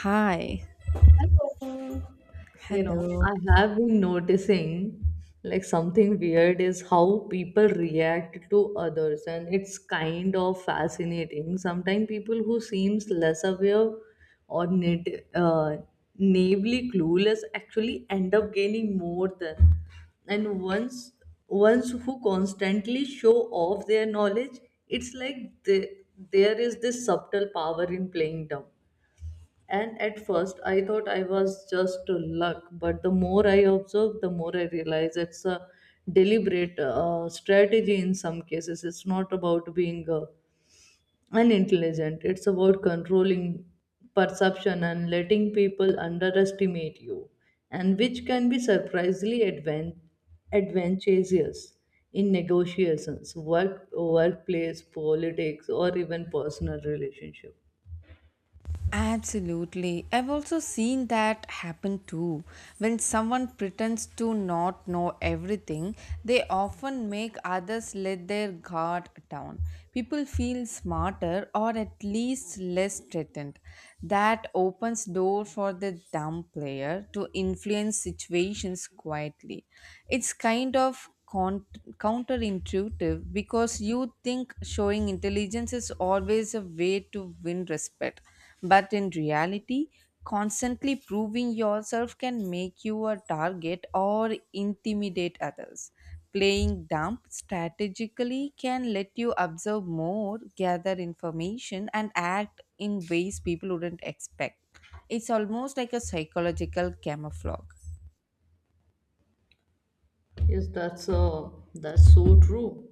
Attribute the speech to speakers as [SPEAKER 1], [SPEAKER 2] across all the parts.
[SPEAKER 1] Hi,
[SPEAKER 2] Hello. You know,
[SPEAKER 1] hello.
[SPEAKER 2] I have been noticing like something weird is how people react to others and it's kind of fascinating. Sometimes people who seems less aware or naively clueless actually end up gaining more than and once ones who constantly show off their knowledge, it's like there is this subtle power in playing dumb. And at first, I thought I was just luck, but the more I observe, the more I realize it's a deliberate strategy in some cases. It's not about being unintelligent, it's about controlling perception and letting people underestimate you, and which can be surprisingly advantageous in negotiations, work, workplace, politics, or even personal relationships.
[SPEAKER 1] Absolutely. I've also seen that happen too. When someone pretends to not know everything, they often make others let their guard down. People feel smarter or at least less threatened. That opens door for the dumb player to influence situations quietly. It's kind of counterintuitive because you think showing intelligence is always a way to win respect, but in reality, constantly proving yourself can make you a target or intimidate others. Playing dumb strategically can let you observe more, gather information, and act in ways people wouldn't expect. It's almost like a psychological camouflage.
[SPEAKER 2] Yes, that's so true.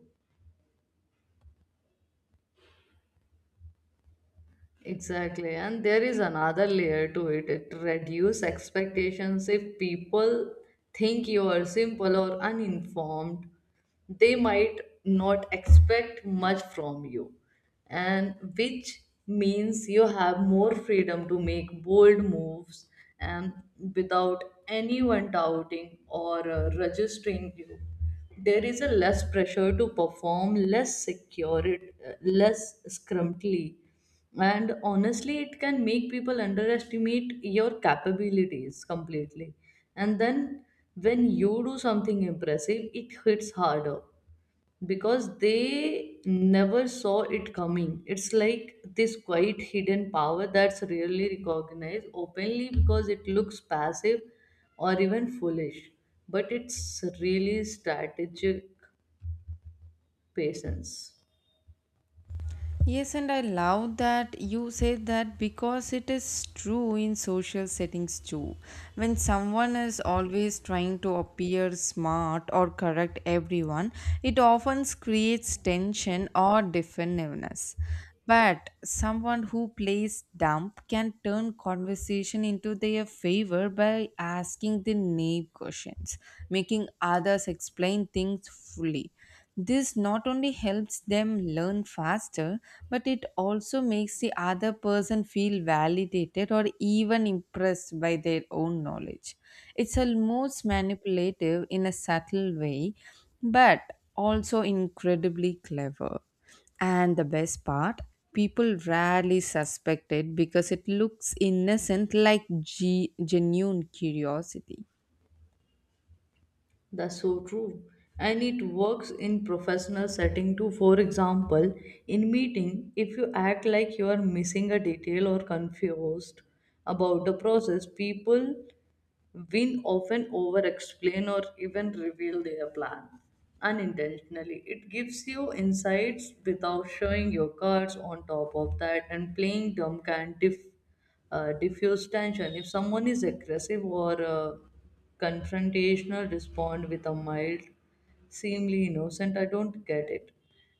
[SPEAKER 2] Exactly, and there is another layer to it. It reduces expectations. If people think you are simple or uninformed, they might not expect much from you, and which means you have more freedom to make bold moves and without anyone doubting or registering you. There is a less pressure to perform, less secure, less scrumptly, and honestly it can make people underestimate your capabilities completely. And then when you do something impressive, it hits harder because they never saw it coming. It's like this quiet hidden power that's rarely recognized openly because it looks passive or even foolish, but it's really strategic patience.
[SPEAKER 1] Yes, and I love that you said that because it is true in social settings too. When someone is always trying to appear smart or correct everyone, it often creates tension or defensiveness. But someone who plays dumb can turn conversation into their favor by asking the naive questions, making others explain things fully. This not only helps them learn faster, but it also makes the other person feel validated or even impressed by their own knowledge. It's almost manipulative in a subtle way, but also incredibly clever. And the best part, people rarely suspect it because it looks innocent like genuine curiosity.
[SPEAKER 2] That's so true. And it works in professional setting too. For example, in meeting, if you act like you are missing a detail or confused about the process, people win often over explain or even reveal their plan unintentionally. It gives you insights without showing your cards. On top of that, and playing dumb can diffuse tension. If someone is aggressive or confrontational, respond with a mild, seemingly innocent, "I don't get it."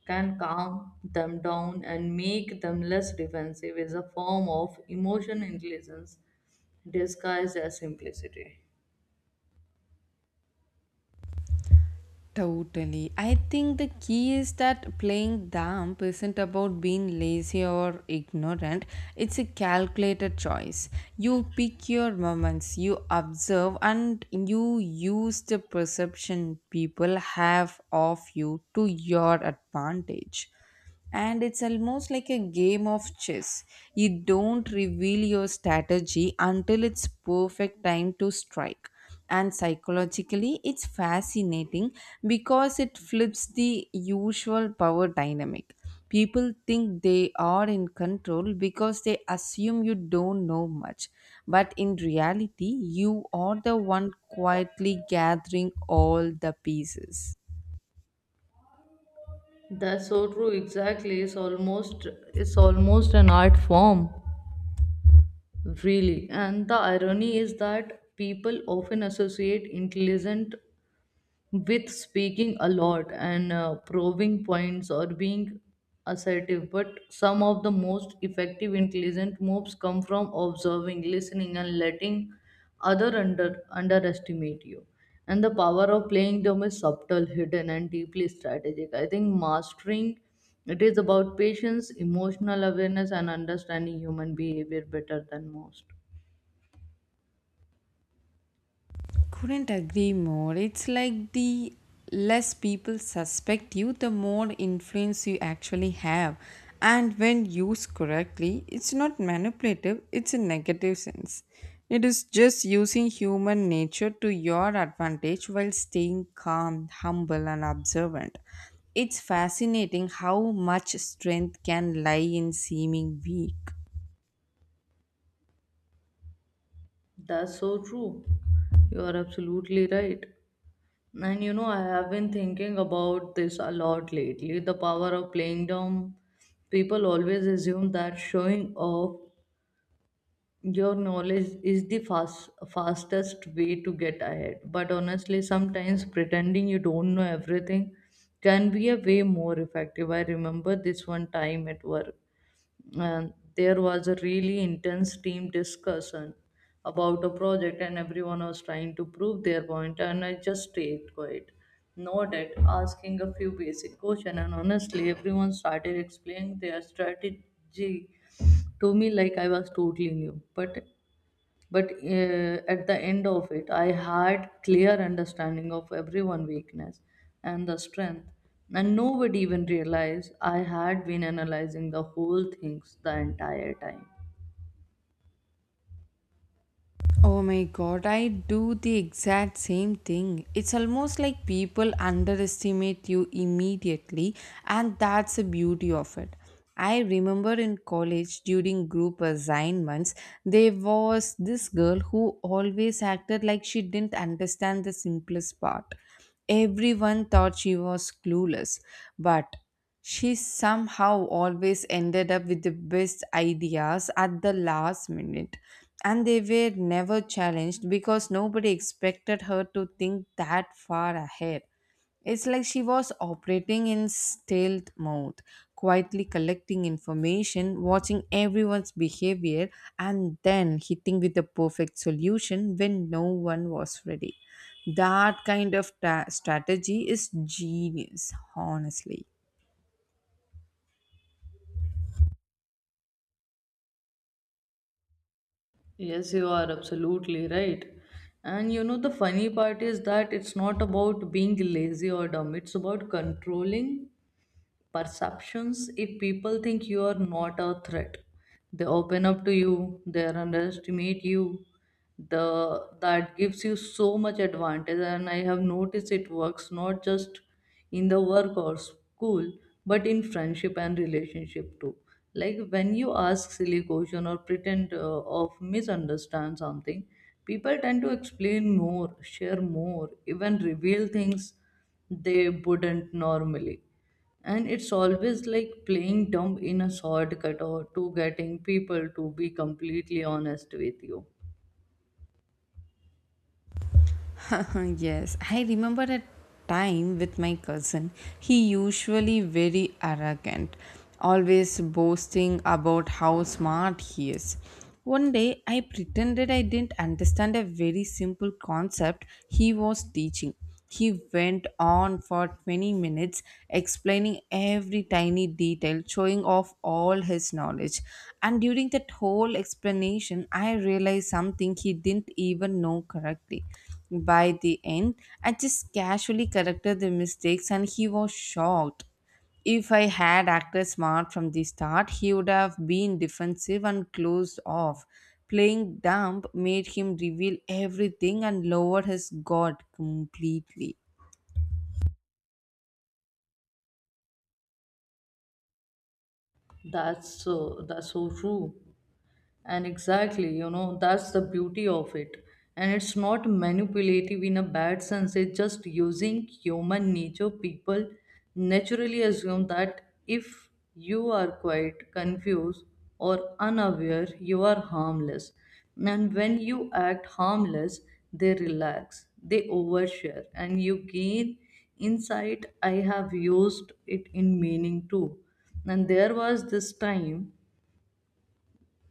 [SPEAKER 2] Can calm them down and make them less defensive. Is a form of emotion intelligence disguised as simplicity.
[SPEAKER 1] Totally. I think the key is that playing dumb isn't about being lazy or ignorant. It's a calculated choice. You pick your moments, you observe, and you use the perception people have of you to your advantage, and it's almost like a game of chess. You don't reveal your strategy until it's perfect time to strike. And psychologically, it's fascinating because it flips the usual power dynamic. People think they are in control because they assume you don't know much. But in reality, you are the one quietly gathering all the pieces.
[SPEAKER 2] That's so true. Exactly. It's almost an art form, really. And the irony is that people often associate intelligent with speaking a lot and proving points or being assertive, but some of the most effective intelligent moves come from observing, listening, and letting other under underestimate you. And the power of playing them is subtle, hidden, and deeply strategic. I think mastering it is about patience, emotional awareness, and understanding human behavior better than most.
[SPEAKER 1] Couldn't agree more. It's like the less people suspect you, the more influence you actually have. And when used correctly, it's not manipulative, it's a negative sense. It is just using human nature to your advantage while staying calm, humble, and observant. It's fascinating how much strength can lie in seeming weak.
[SPEAKER 2] That's so true. You are absolutely right. And you know, I have been thinking about this a lot lately. The power of playing dumb. People always assume that showing off your knowledge is the fastest way to get ahead. But honestly, sometimes pretending you don't know everything can be a way more effective. I remember this one time at work, and there was a really intense team discussion about a project, and everyone was trying to prove their point, and I just stayed quiet, nodded, asking a few basic questions. And honestly, everyone started explaining their strategy to me like I was totally new. But at the end of it, I had clear understanding of everyone weakness and the strength, and nobody even realized I had been analyzing the whole things the entire time.
[SPEAKER 1] Oh my god, I do the exact same thing. It's almost like people underestimate you immediately, and that's the beauty of it. I remember in college during group assignments, there was this girl who always acted like she didn't understand the simplest part. Everyone thought she was clueless, but she somehow always ended up with the best ideas at the last minute, and they were never challenged because nobody expected her to think that far ahead. It's like she was operating in stealth mode, quietly collecting information, watching everyone's behavior, and then hitting with the perfect solution when no one was ready. That kind of strategy is genius, honestly.
[SPEAKER 2] Yes, you are absolutely right. And you know, the funny part is that it's not about being lazy or dumb, it's about controlling perceptions. If people think you are not a threat, they open up to you, they underestimate you. The That gives you so much advantage. And I have noticed it works not just in the work or school, but in friendship and relationship too. Like when you ask silly question or pretend of misunderstand something, people tend to explain more, share more, even reveal things they wouldn't normally. And it's always like playing dumb in a shortcut or to getting people to be completely honest with you.
[SPEAKER 1] Yes, I remember a time with my cousin. He usually very arrogant, always boasting about how smart he is. One day I pretended I didn't understand a very simple concept he was teaching. He went on for 20 minutes explaining every tiny detail, showing off all his knowledge. And during that whole explanation, I realized something he didn't even know correctly. By the end, I just casually corrected the mistakes and he was shocked. If I had acted smart from the start, he would have been defensive and closed off. Playing dumb made him reveal everything and lower his guard completely.
[SPEAKER 2] that's so that's so true. And exactly, you know, that's the beauty of it. And it's not manipulative in a bad sense, it's just using human nature. People naturally assume that if you are quiet, confused, or unaware, you are harmless. And when you act harmless, they relax, they overshare, and you gain insight. I have used it in meaning too. And there was this time,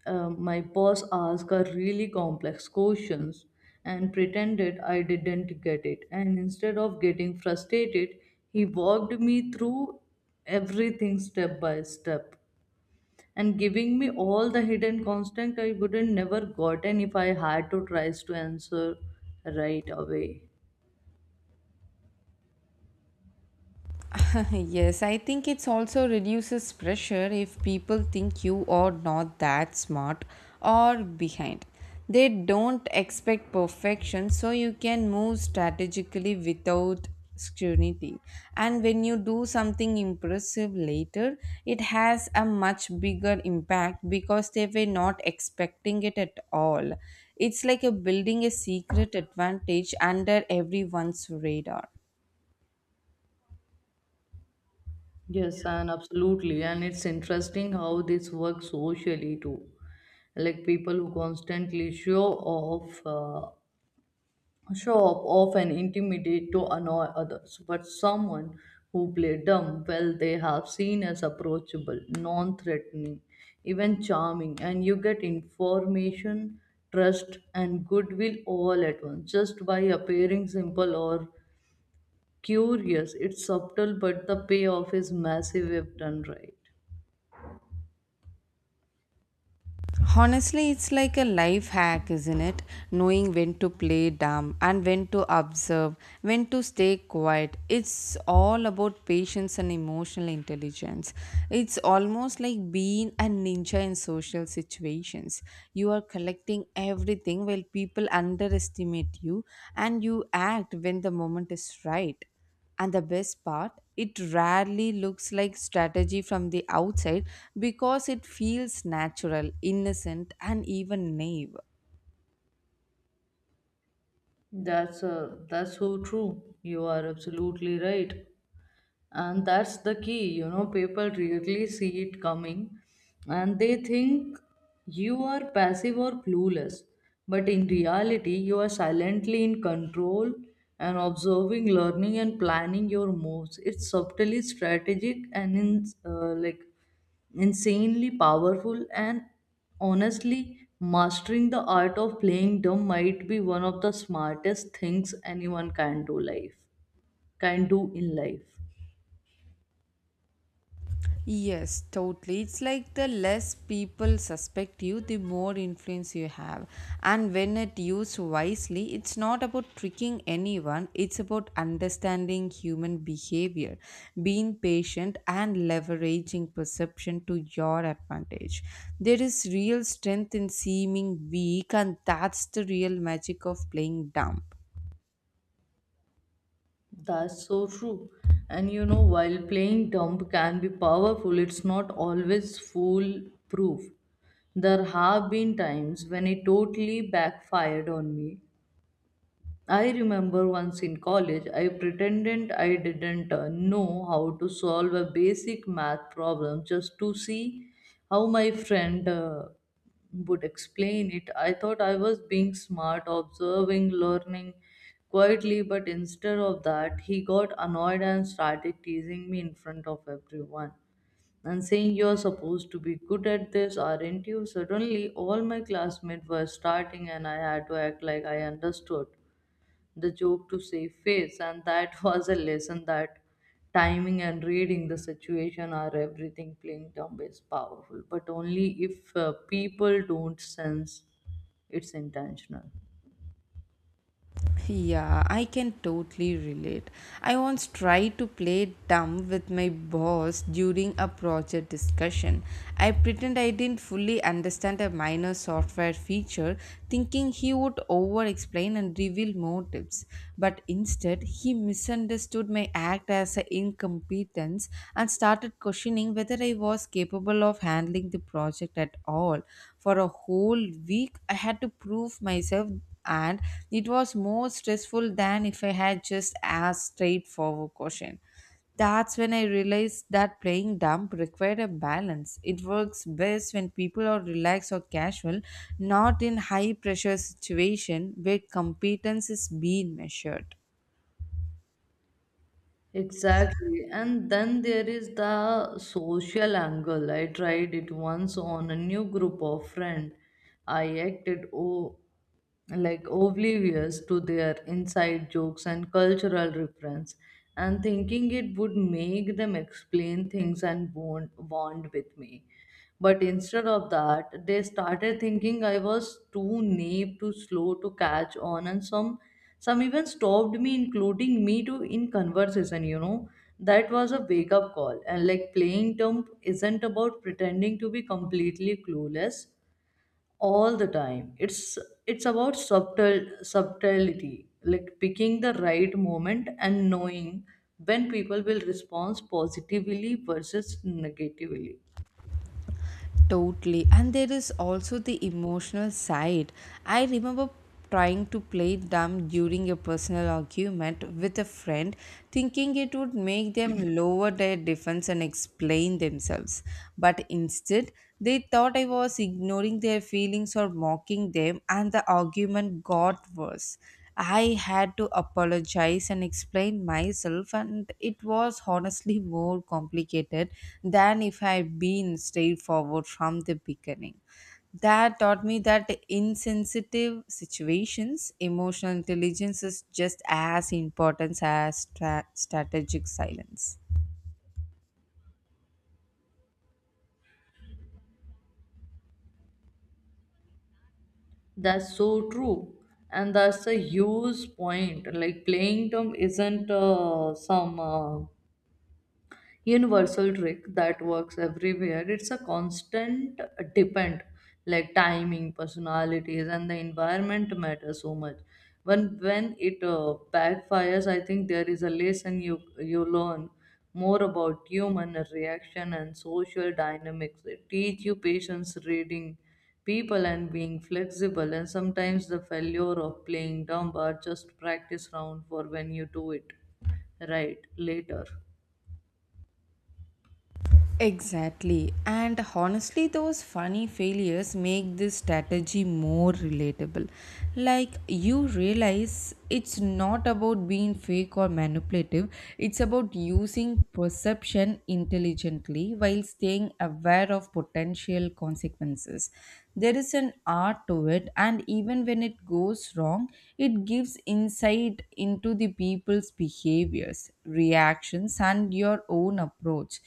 [SPEAKER 2] my boss asked a really complex questions, and pretended I didn't get it. And instead of getting frustrated, he walked me through everything step by step, and giving me all the hidden constant I wouldn't never gotten if I had to try to answer right away.
[SPEAKER 1] Yes, I think it's also reduces pressure if people think you are not that smart or behind. They don't expect perfection, so you can move strategically without scrutiny. And when you do something impressive later, it has a much bigger impact because they were not expecting it at all. It's like a building a secret advantage under everyone's radar.
[SPEAKER 2] Yes, and absolutely. And it's interesting how this works socially too. Like people who constantly show off often intimidate to annoy others, but someone who play dumb well, they have seen as approachable, non-threatening, even charming. And you get information, trust, and goodwill all at once just by appearing simple or curious. It's subtle, but the payoff is massive if done right.
[SPEAKER 1] Honestly, it's like a life hack, isn't it? Knowing when to play dumb and when to observe, when to stay quiet. It's all about patience and emotional intelligence. It's almost like being a ninja in social situations. You are collecting everything while people underestimate you, and you act when the moment is right. And the best part, it rarely looks like strategy from the outside because it feels natural, innocent, and even naive.
[SPEAKER 2] That's so true. You are absolutely right. And that's the key. You know, people really see it coming, and they think you are passive or clueless, but in reality you are silently in control and observing, learning, and planning your moves. It's subtly strategic and like insanely powerful. And honestly, mastering the art of playing dumb might be one of the smartest things anyone can do in life.
[SPEAKER 1] Yes, totally. It's like the less people suspect you, the more influence you have. And when it used wisely, it's not about tricking anyone, it's about understanding human behavior, being patient, and leveraging perception to your advantage. There is real strength in seeming weak, and that's the real magic of playing dumb.
[SPEAKER 2] That's so true. And you know, while playing dumb can be powerful, it's not always foolproof. There have been times when it totally backfired on me. I remember once in college, I pretended I didn't know how to solve a basic math problem just to see how my friend would explain it. I thought I was being smart, observing, learning quietly, but instead of that, he got annoyed and started teasing me in front of everyone and saying, "You're supposed to be good at this, aren't you?" Suddenly, all my classmates were starting, and I had to act like I understood the joke to save face. And that was a lesson that timing and reading the situation are everything. Playing dumb is powerful, but only if people don't sense it's intentional.
[SPEAKER 1] Yeah, I can totally relate. I once tried to play dumb with my boss during a project discussion. I pretend I didn't fully understand a minor software feature, thinking he would over explain and reveal more tips. But instead, he misunderstood my act as a incompetence and started questioning whether I was capable of handling the project at all. For a whole week, I had to prove myself, and it was more stressful than if I had just asked straightforward question. That's when I realized that playing dumb required a balance. It works best when people are relaxed or casual, not in high pressure situation where competence is being measured.
[SPEAKER 2] Exactly. And then there is the social angle. I tried it once on a new group of friends. I acted o- like oblivious to their inside jokes and cultural reference, and thinking it would make them explain things and bond with me. But instead of that, they started thinking I was too naive, too slow to catch on, and some even stopped me, including me too, in conversation. You know, that was a wake up call. And like playing dumb isn't about pretending to be completely clueless all the time. It's about subtlety, like picking the right moment and knowing when people will respond positively versus negatively.
[SPEAKER 1] Totally. And there is also the emotional side. I remember trying to play dumb during a personal argument with a friend, thinking it would make them lower their defense and explain themselves. But instead, they thought I was ignoring their feelings or mocking them, and the argument got worse. I had to apologize and explain myself, and it was honestly more complicated than if I had been straightforward from the beginning. That taught me that insensitive situations, emotional intelligence is just as important as strategic silence.
[SPEAKER 2] That's so true. And that's a huge point. Like playing term isn't some universal trick that works everywhere. It's a constant depend, like timing, personalities, and the environment matter so much. When it backfires, I think there is a lesson. You learn more about human reaction and social dynamics. It teach you patience, reading people, and being flexible. And sometimes the failure of playing dumb are just practice round for when you do it right later.
[SPEAKER 1] Exactly. And honestly, those funny failures make this strategy more relatable. Like, you realize it's not about being fake or manipulative, it's about using perception intelligently while staying aware of potential consequences. There is an art to it, and even when it goes wrong, it gives insight into the people's behaviors, reactions, and your own approach.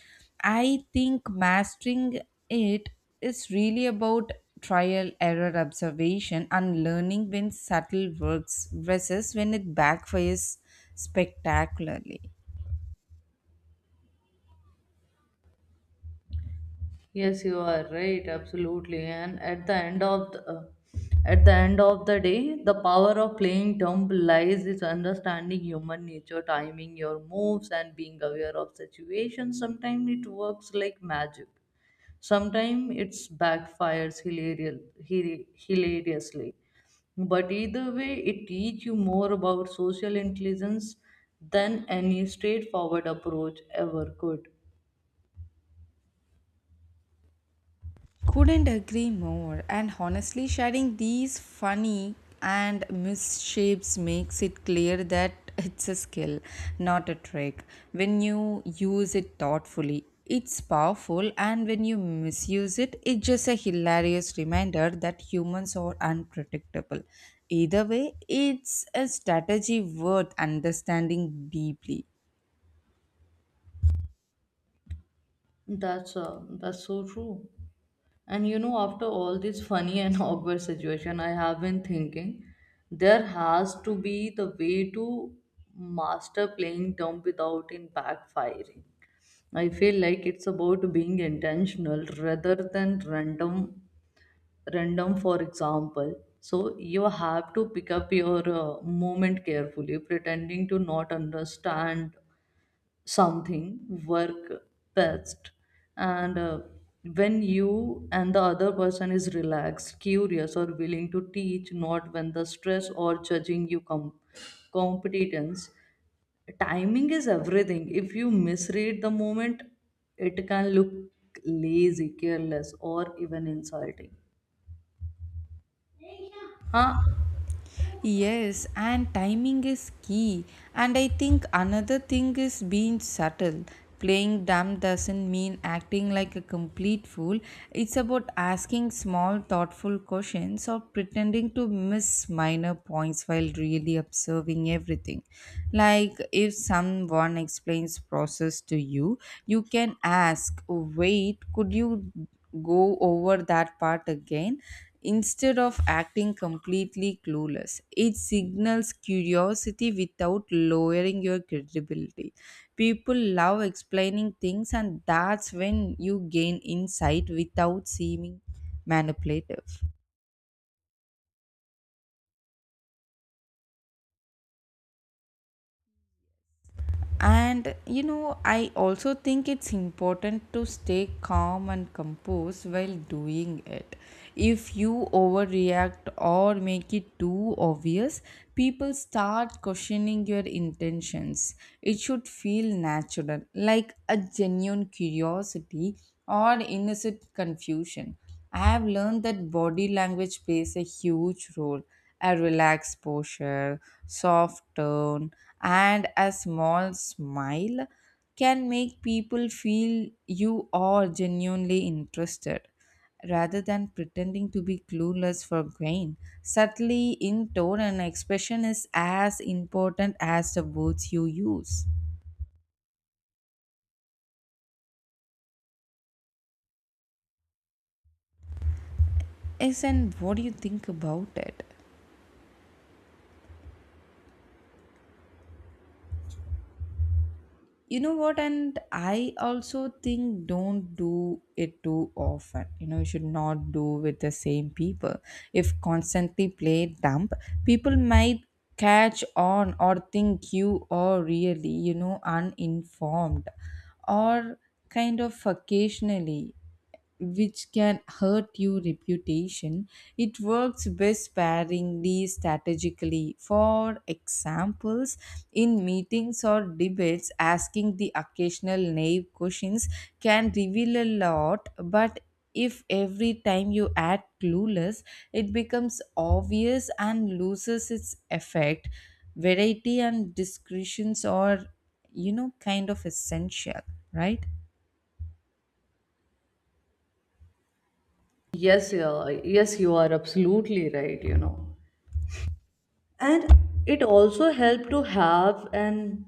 [SPEAKER 1] I think mastering it is really about trial, error, observation, and learning when subtle works versus when it backfires spectacularly.
[SPEAKER 2] Yes, you are right, absolutely. And at the end of the, At the end of the day, the power of playing dumb lies is understanding human nature, timing your moves, and being aware of situations. Sometimes it works like magic. Sometimes it's backfires hilariously. But either way, it teaches you more about social intelligence than any straightforward approach ever could.
[SPEAKER 1] Couldn't agree more. And honestly, sharing these funny and misshapes makes it clear that it's a skill, not a trick. When you use it thoughtfully, it's powerful, and when you misuse it, it's just a hilarious reminder that humans are unpredictable. Either way, it's a strategy worth understanding deeply.
[SPEAKER 2] That's so true. And you know, after all this funny and awkward situation, I have been thinking there has to be the way to master playing dumb without in backfiring. I feel like it's about being intentional rather than random. Random, for example. So you have to pick up your moment carefully, pretending to not understand something work best. And when you and the other person is relaxed, curious, or willing to teach, not when the stress or judging you come competence. Timing is everything. If you misread the moment, it can look lazy, careless, or even insulting. Huh.
[SPEAKER 1] Yes, and timing is key. And I think another thing is being subtle. Playing dumb doesn't mean acting like a complete fool. It's about asking small, thoughtful questions or pretending to miss minor points while really observing everything. Like if someone explains process to you, you can ask, "Wait, could you go over that part again?" Instead of acting completely clueless, it signals curiosity without lowering your credibility. People love explaining things, and that's when you gain insight without seeming manipulative. And I also think it's important to stay calm and composed while doing it. If you overreact or make it too obvious, people start questioning your intentions. It should feel natural, like a genuine curiosity or innocent confusion. I have learned that body language plays a huge role. A relaxed posture, soft tone, and a small smile can make people feel you are genuinely interested. Rather than pretending to be clueless for gain, subtly in tone and expression is as important as the words you use. Yes, and what do you think about it? You know what, and I also think don't do it too often. You know, you should not do with the same people. If constantly play dump, people might catch on or think you are really uninformed, or kind of occasionally, which can hurt your reputation. It works best sparingly strategically. For examples, in meetings or debates, asking the occasional naive questions can reveal a lot, but if every time you act clueless, it becomes obvious and loses its effect. Variety and discretions are, kind of essential, right?
[SPEAKER 2] Yes yeah, yes, you are absolutely right, you know. And it also helped to have an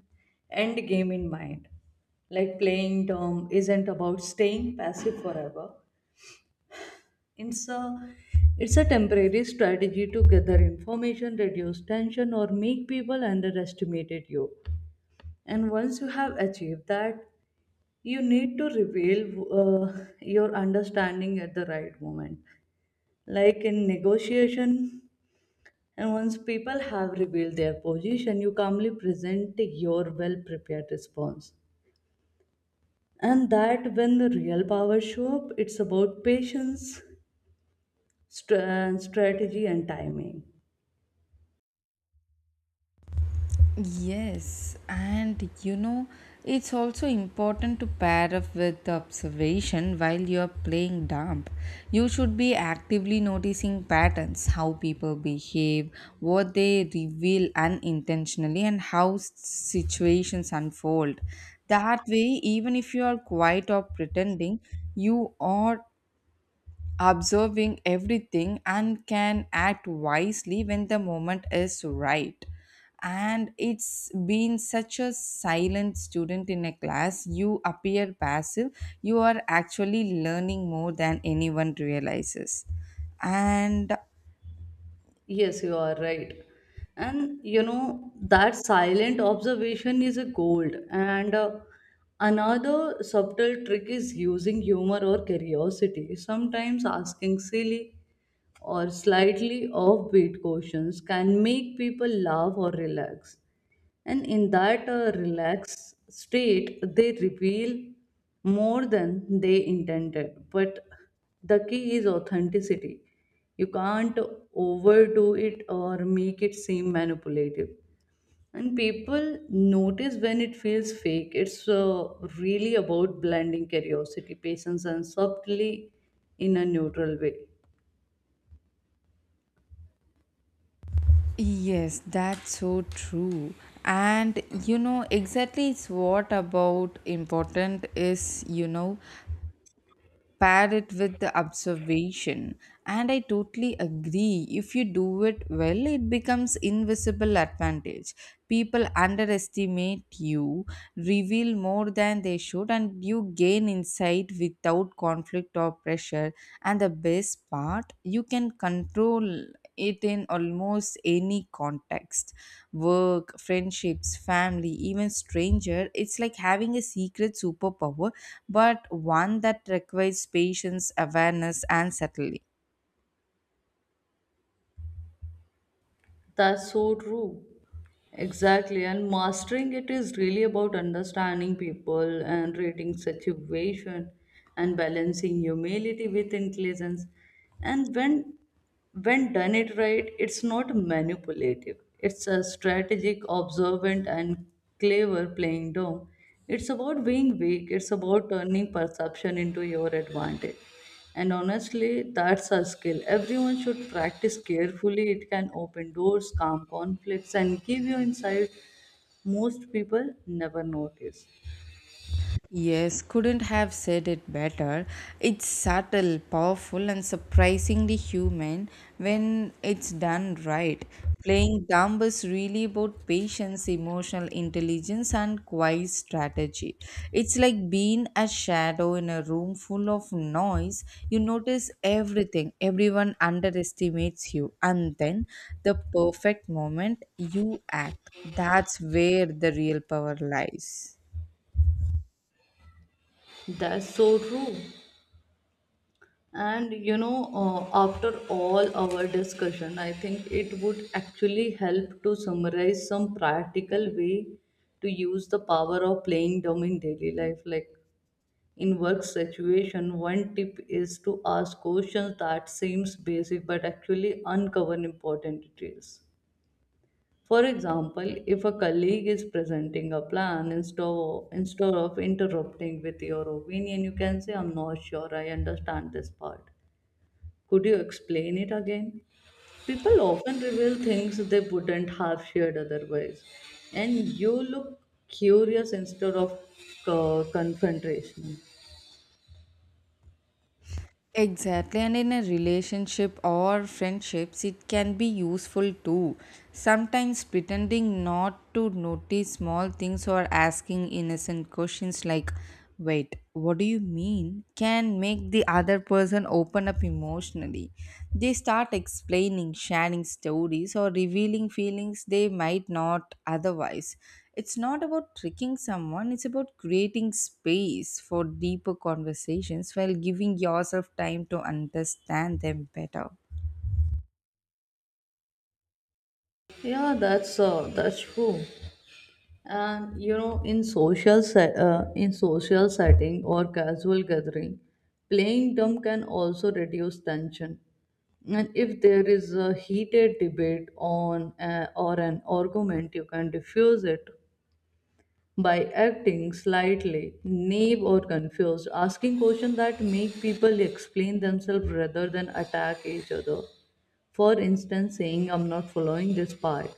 [SPEAKER 2] end game in mind. Like playing dumb isn't about staying passive forever. It's a it's a temporary strategy to gather information, reduce tension, or make people underestimated you. And once you have achieved that, you need to reveal uh, your understanding at the right moment, like in negotiation. And once people have revealed their position, you calmly present your well prepared response. And that when the real powers show up, it's about patience, strategy, and timing.
[SPEAKER 1] Yes, and it's also important to pair up with observation while you're playing dump. You should be actively noticing patterns, how people behave, what they reveal unintentionally, and how situations unfold. That way, even if you are quiet or pretending, you are observing everything and can act wisely when the moment is right. And it's been such a silent student in a class, you appear passive, you are actually learning more than anyone realizes. And
[SPEAKER 2] Yes, you are right. And you know, that silent observation is a gold. And Another subtle trick is using humor or curiosity. Sometimes asking silly or slightly offbeat questions can make people laugh or relax. And in that relaxed state, they reveal more than they intended. But the key is authenticity. You can't overdo it or make it seem manipulative. And people notice when it feels fake. It's really about blending curiosity, patience, and subtly in a neutral way.
[SPEAKER 1] yes, that's so true. And exactly, it's what about important is, pair it with the observation. And I totally agree, if you do it well, it becomes invisible advantage. People underestimate you, reveal more than they should, and you gain insight without conflict or pressure. And the best part, you can control it in almost any context: work, friendships, family, even stranger. It's like having a secret superpower, but one that requires patience, awareness, and subtlety.
[SPEAKER 2] That's so true. Exactly. And mastering it is really about understanding people and reading situation and balancing humility with intelligence. And when done it right, it's not manipulative. It's a strategic, observant and clever playing down. It's about being weak, it's about turning perception into your advantage. And honestly, that's a skill. Everyone should practice carefully. It can open doors, calm conflicts, and give you insight most people never notice.
[SPEAKER 1] Yes, couldn't have said it better. It's subtle, powerful, and surprisingly human when it's done right. Playing dumb is really about patience, emotional intelligence, and quiet strategy. It's like being a shadow in a room full of noise. You notice everything, everyone underestimates you, and then the perfect moment you act. That's where the real power lies.
[SPEAKER 2] That's so true. And you know, after all our discussion, I think it would actually help to summarize some practical way to use the power of playing dumb in daily life. Like, in work situation, one tip is to ask questions that seems basic but actually uncover important details. For example, if a colleague is presenting a plan, instead of interrupting with your opinion, you can say, I'm not sure I understand this part, could you explain it again? People often reveal things they wouldn't have shared otherwise, and you look curious instead of confrontation.
[SPEAKER 1] Exactly, and in a relationship or friendships, it can be useful too. Sometimes pretending not to notice small things or asking innocent questions like, wait, what do you mean? Can make the other person open up emotionally. They start explaining, sharing stories, or revealing feelings they might not otherwise. It's not about tricking someone, it's about creating space for deeper conversations while giving yourself time to understand them better.
[SPEAKER 2] Yeah, that's true. And you know, in in social setting or casual gathering, playing dumb can also reduce tension. And if there is a heated debate on or an argument, you can diffuse it by acting slightly naive or confused, asking questions that make people explain themselves rather than attack each other. For instance, saying I'm not following this path,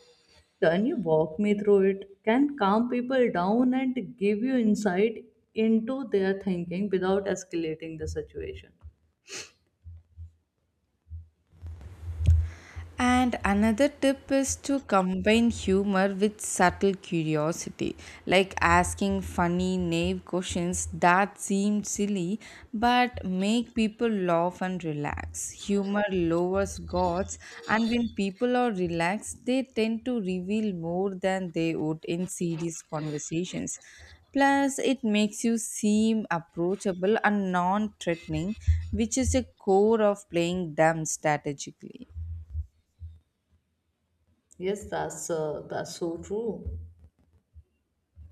[SPEAKER 2] can you walk me through it? Can calm people down and give you insight into their thinking without escalating the situation.
[SPEAKER 1] And another tip is to combine humor with subtle curiosity, like asking funny, naive questions that seem silly but make people laugh and relax. Humor lowers guards, and when people are relaxed, they tend to reveal more than they would in serious conversations. Plus, it makes you seem approachable and non threatening, which is a core of playing dumb strategically.
[SPEAKER 2] Yes, that's so true.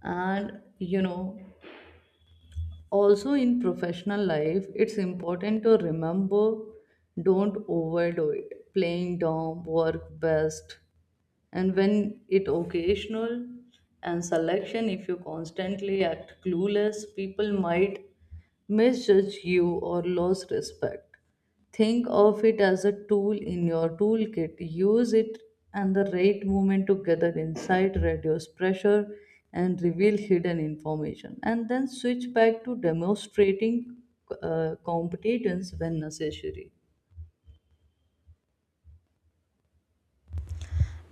[SPEAKER 2] And you know, also in professional life, it's important to remember, don't overdo it. Playing dumb, work best, and when it occasional and selection. If you constantly act clueless, people might misjudge you or lose respect. Think of it as a tool in your toolkit. Use it and the right moment, together insight, reduce pressure and reveal hidden information, and then switch back to demonstrating competence when necessary.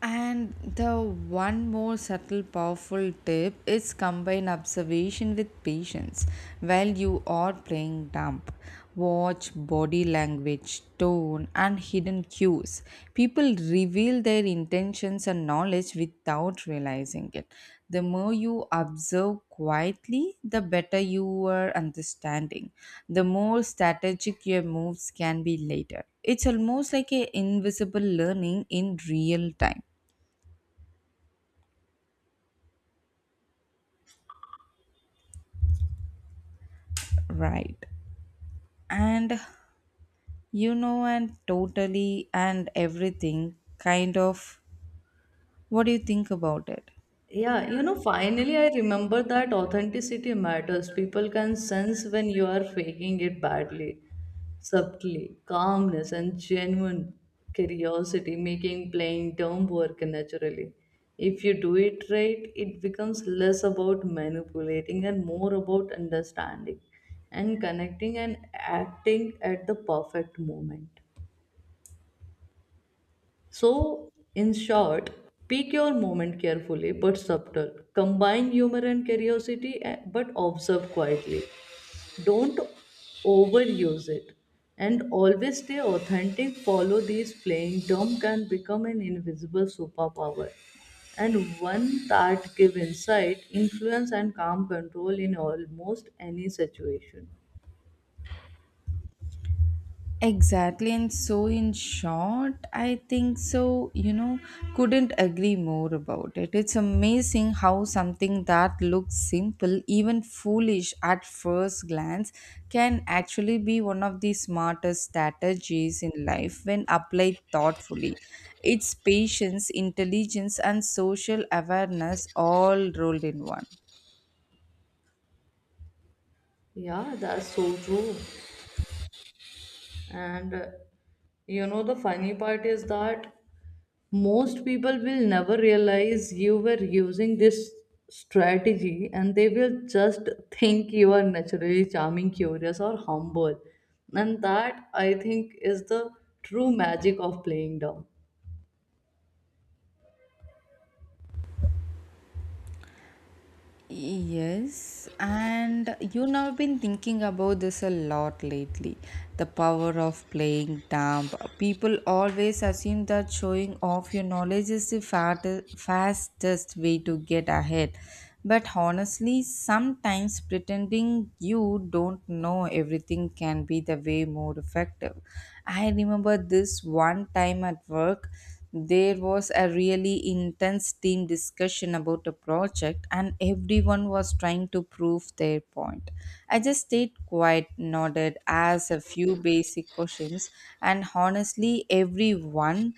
[SPEAKER 1] And the one more subtle, powerful tip is combine observation with patience while you are playing dumb. Watch body language, tone, and hidden cues. People reveal their intentions and knowledge without realizing it. The more you observe quietly, the better your understanding. The more strategic your moves can be later. It's almost like a invisible learning in real time. Right. And and totally and everything, kind of. What do you think about it?
[SPEAKER 2] Yeah, you know, finally I remember that authenticity matters. People can sense when you are faking it badly, subtly, calmness and genuine curiosity, making playing dumb work naturally. If you do it right, it becomes less about manipulating and more about understanding and connecting and acting at the perfect moment. So, in short, pick your moment carefully but subtle. Combine humor and curiosity but observe quietly. Don't overuse it. And always stay authentic. Follow these playing dumb can become an invisible superpower. And one that give insight, influence and calm control in almost any situation.
[SPEAKER 1] Exactly, and so in short, I think so. Couldn't agree more about it. It's amazing how something that looks simple, even foolish at first glance, can actually be one of the smartest strategies in life when applied thoughtfully. It's patience, intelligence, and social awareness all rolled in one.
[SPEAKER 2] Yeah, that's so true. And you know, the funny part is that most people will never realize you were using this strategy, and they will just think you are naturally charming, curious or humble. And that, I think, is the true magic of playing down.
[SPEAKER 1] Yes, and you know, I've been thinking about this a lot lately. The power of playing dumb. People always assume that showing off your knowledge is the fastest way to get ahead. But honestly, sometimes pretending you don't know everything can be the way more effective. I remember this one time at work. There was a really intense team discussion about a project, and everyone was trying to prove their point. I just stayed quiet, nodded, asked a few basic questions, and honestly, everyone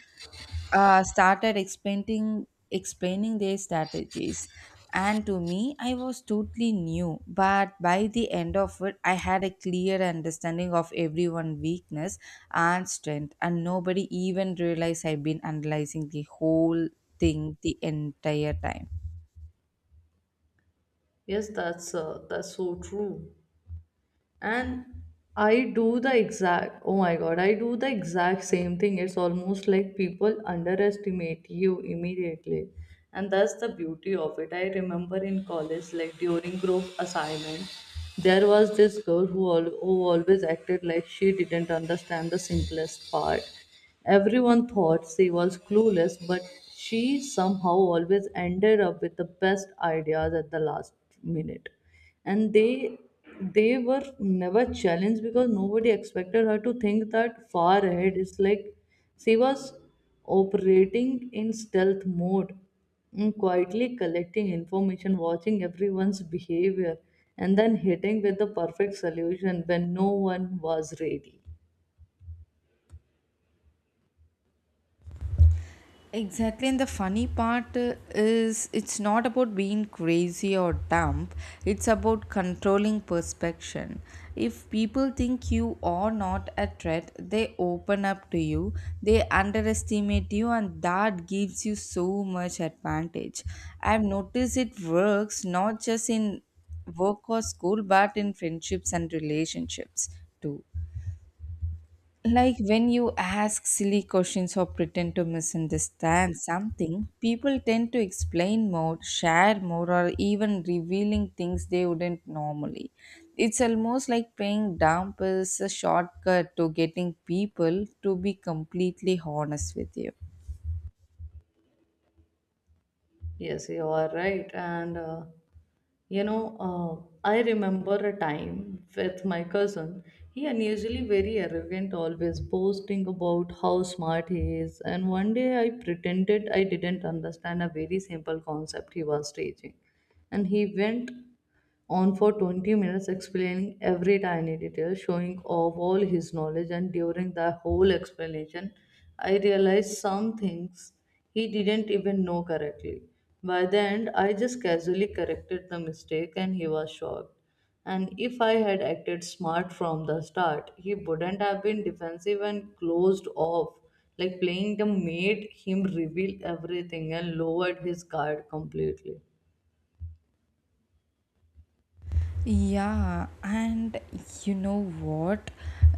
[SPEAKER 1] started explaining their strategies. And to me, I was totally new, but by the end of it, I had a clear understanding of everyone's weakness and strength, and nobody even realized I've been analyzing the whole thing the entire time.
[SPEAKER 2] Yes, that's so true. And I do the exact, oh my god, I do the exact same thing. It's almost like people underestimate you immediately. And that's the beauty of it. I remember in college, like during group assignment, there was this girl who, who always acted like she didn't understand the simplest part. Everyone thought she was clueless, but she somehow always ended up with the best ideas at the last minute. And they were never challenged because nobody expected her to think that far ahead. It's like she was operating in stealth mode, quietly collecting information, watching everyone's behavior, and then hitting with the perfect solution when no one was ready.
[SPEAKER 1] Exactly, and the funny part is it's not about being crazy or dumb, it's about controlling perception. If people think you are not a threat, they open up to you, they underestimate you, and that gives you so much advantage. I've noticed it works not just in work or school, but in friendships and relationships too. Like when you ask silly questions or pretend to misunderstand something, people tend to explain more, share more, or even revealing things they wouldn't normally. It's almost like paying dump is a shortcut to getting people to be completely honest with you.
[SPEAKER 2] Yes, you are right. And, you know, I remember a time with my cousin. He unusually very arrogant, always boasting about how smart he is. And one day I pretended I didn't understand a very simple concept he was teaching. And he went on for 20 minutes explaining every tiny detail, showing off all his knowledge. And during the whole explanation, I realized some things he didn't even know correctly. By the end, I just casually corrected the mistake and he was shocked. And if I had acted smart from the start, he wouldn't have been defensive and closed off. Like playing the made him reveal everything and lowered his guard completely.
[SPEAKER 1] Yeah, and you know what?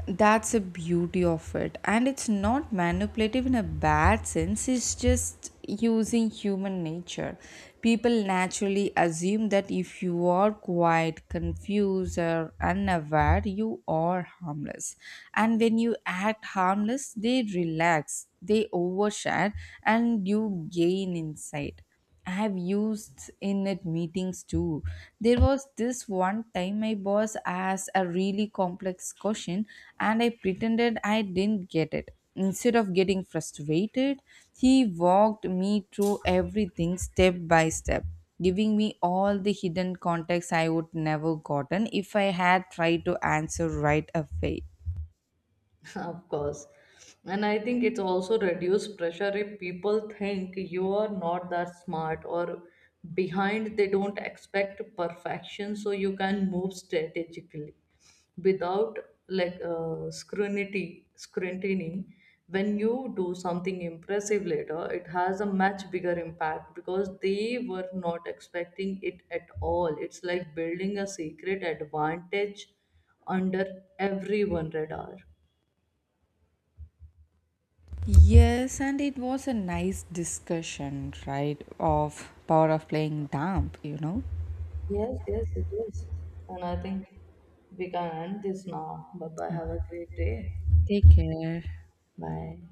[SPEAKER 1] That's the beauty of it. And it's not manipulative in a bad sense, it's just using human nature. People naturally assume that if you are quiet, confused, or unaware, you are harmless. And when you act harmless, they relax, they overshare, and you gain insight. I have used in it meetings too. There was this one time my boss asked a really complex question and I pretended I didn't get it. Instead of getting frustrated, he walked me through everything step by step, giving me all the hidden context I would never gotten if I had tried to answer right away.
[SPEAKER 2] Of course. And I think it's also reduced pressure. If people think you are not that smart or behind, they don't expect perfection, so you can move strategically without like scrutiny. When you do something impressive later, it has a much bigger impact because they were not expecting it at all. It's like building a secret advantage under everyone radar.
[SPEAKER 1] Yes, and it was a nice discussion, right? Of power of playing dumb, you know.
[SPEAKER 2] Yes, yes, it is. And I think we can end this now. Bye bye. Have a great day.
[SPEAKER 1] Take care.
[SPEAKER 2] Bye.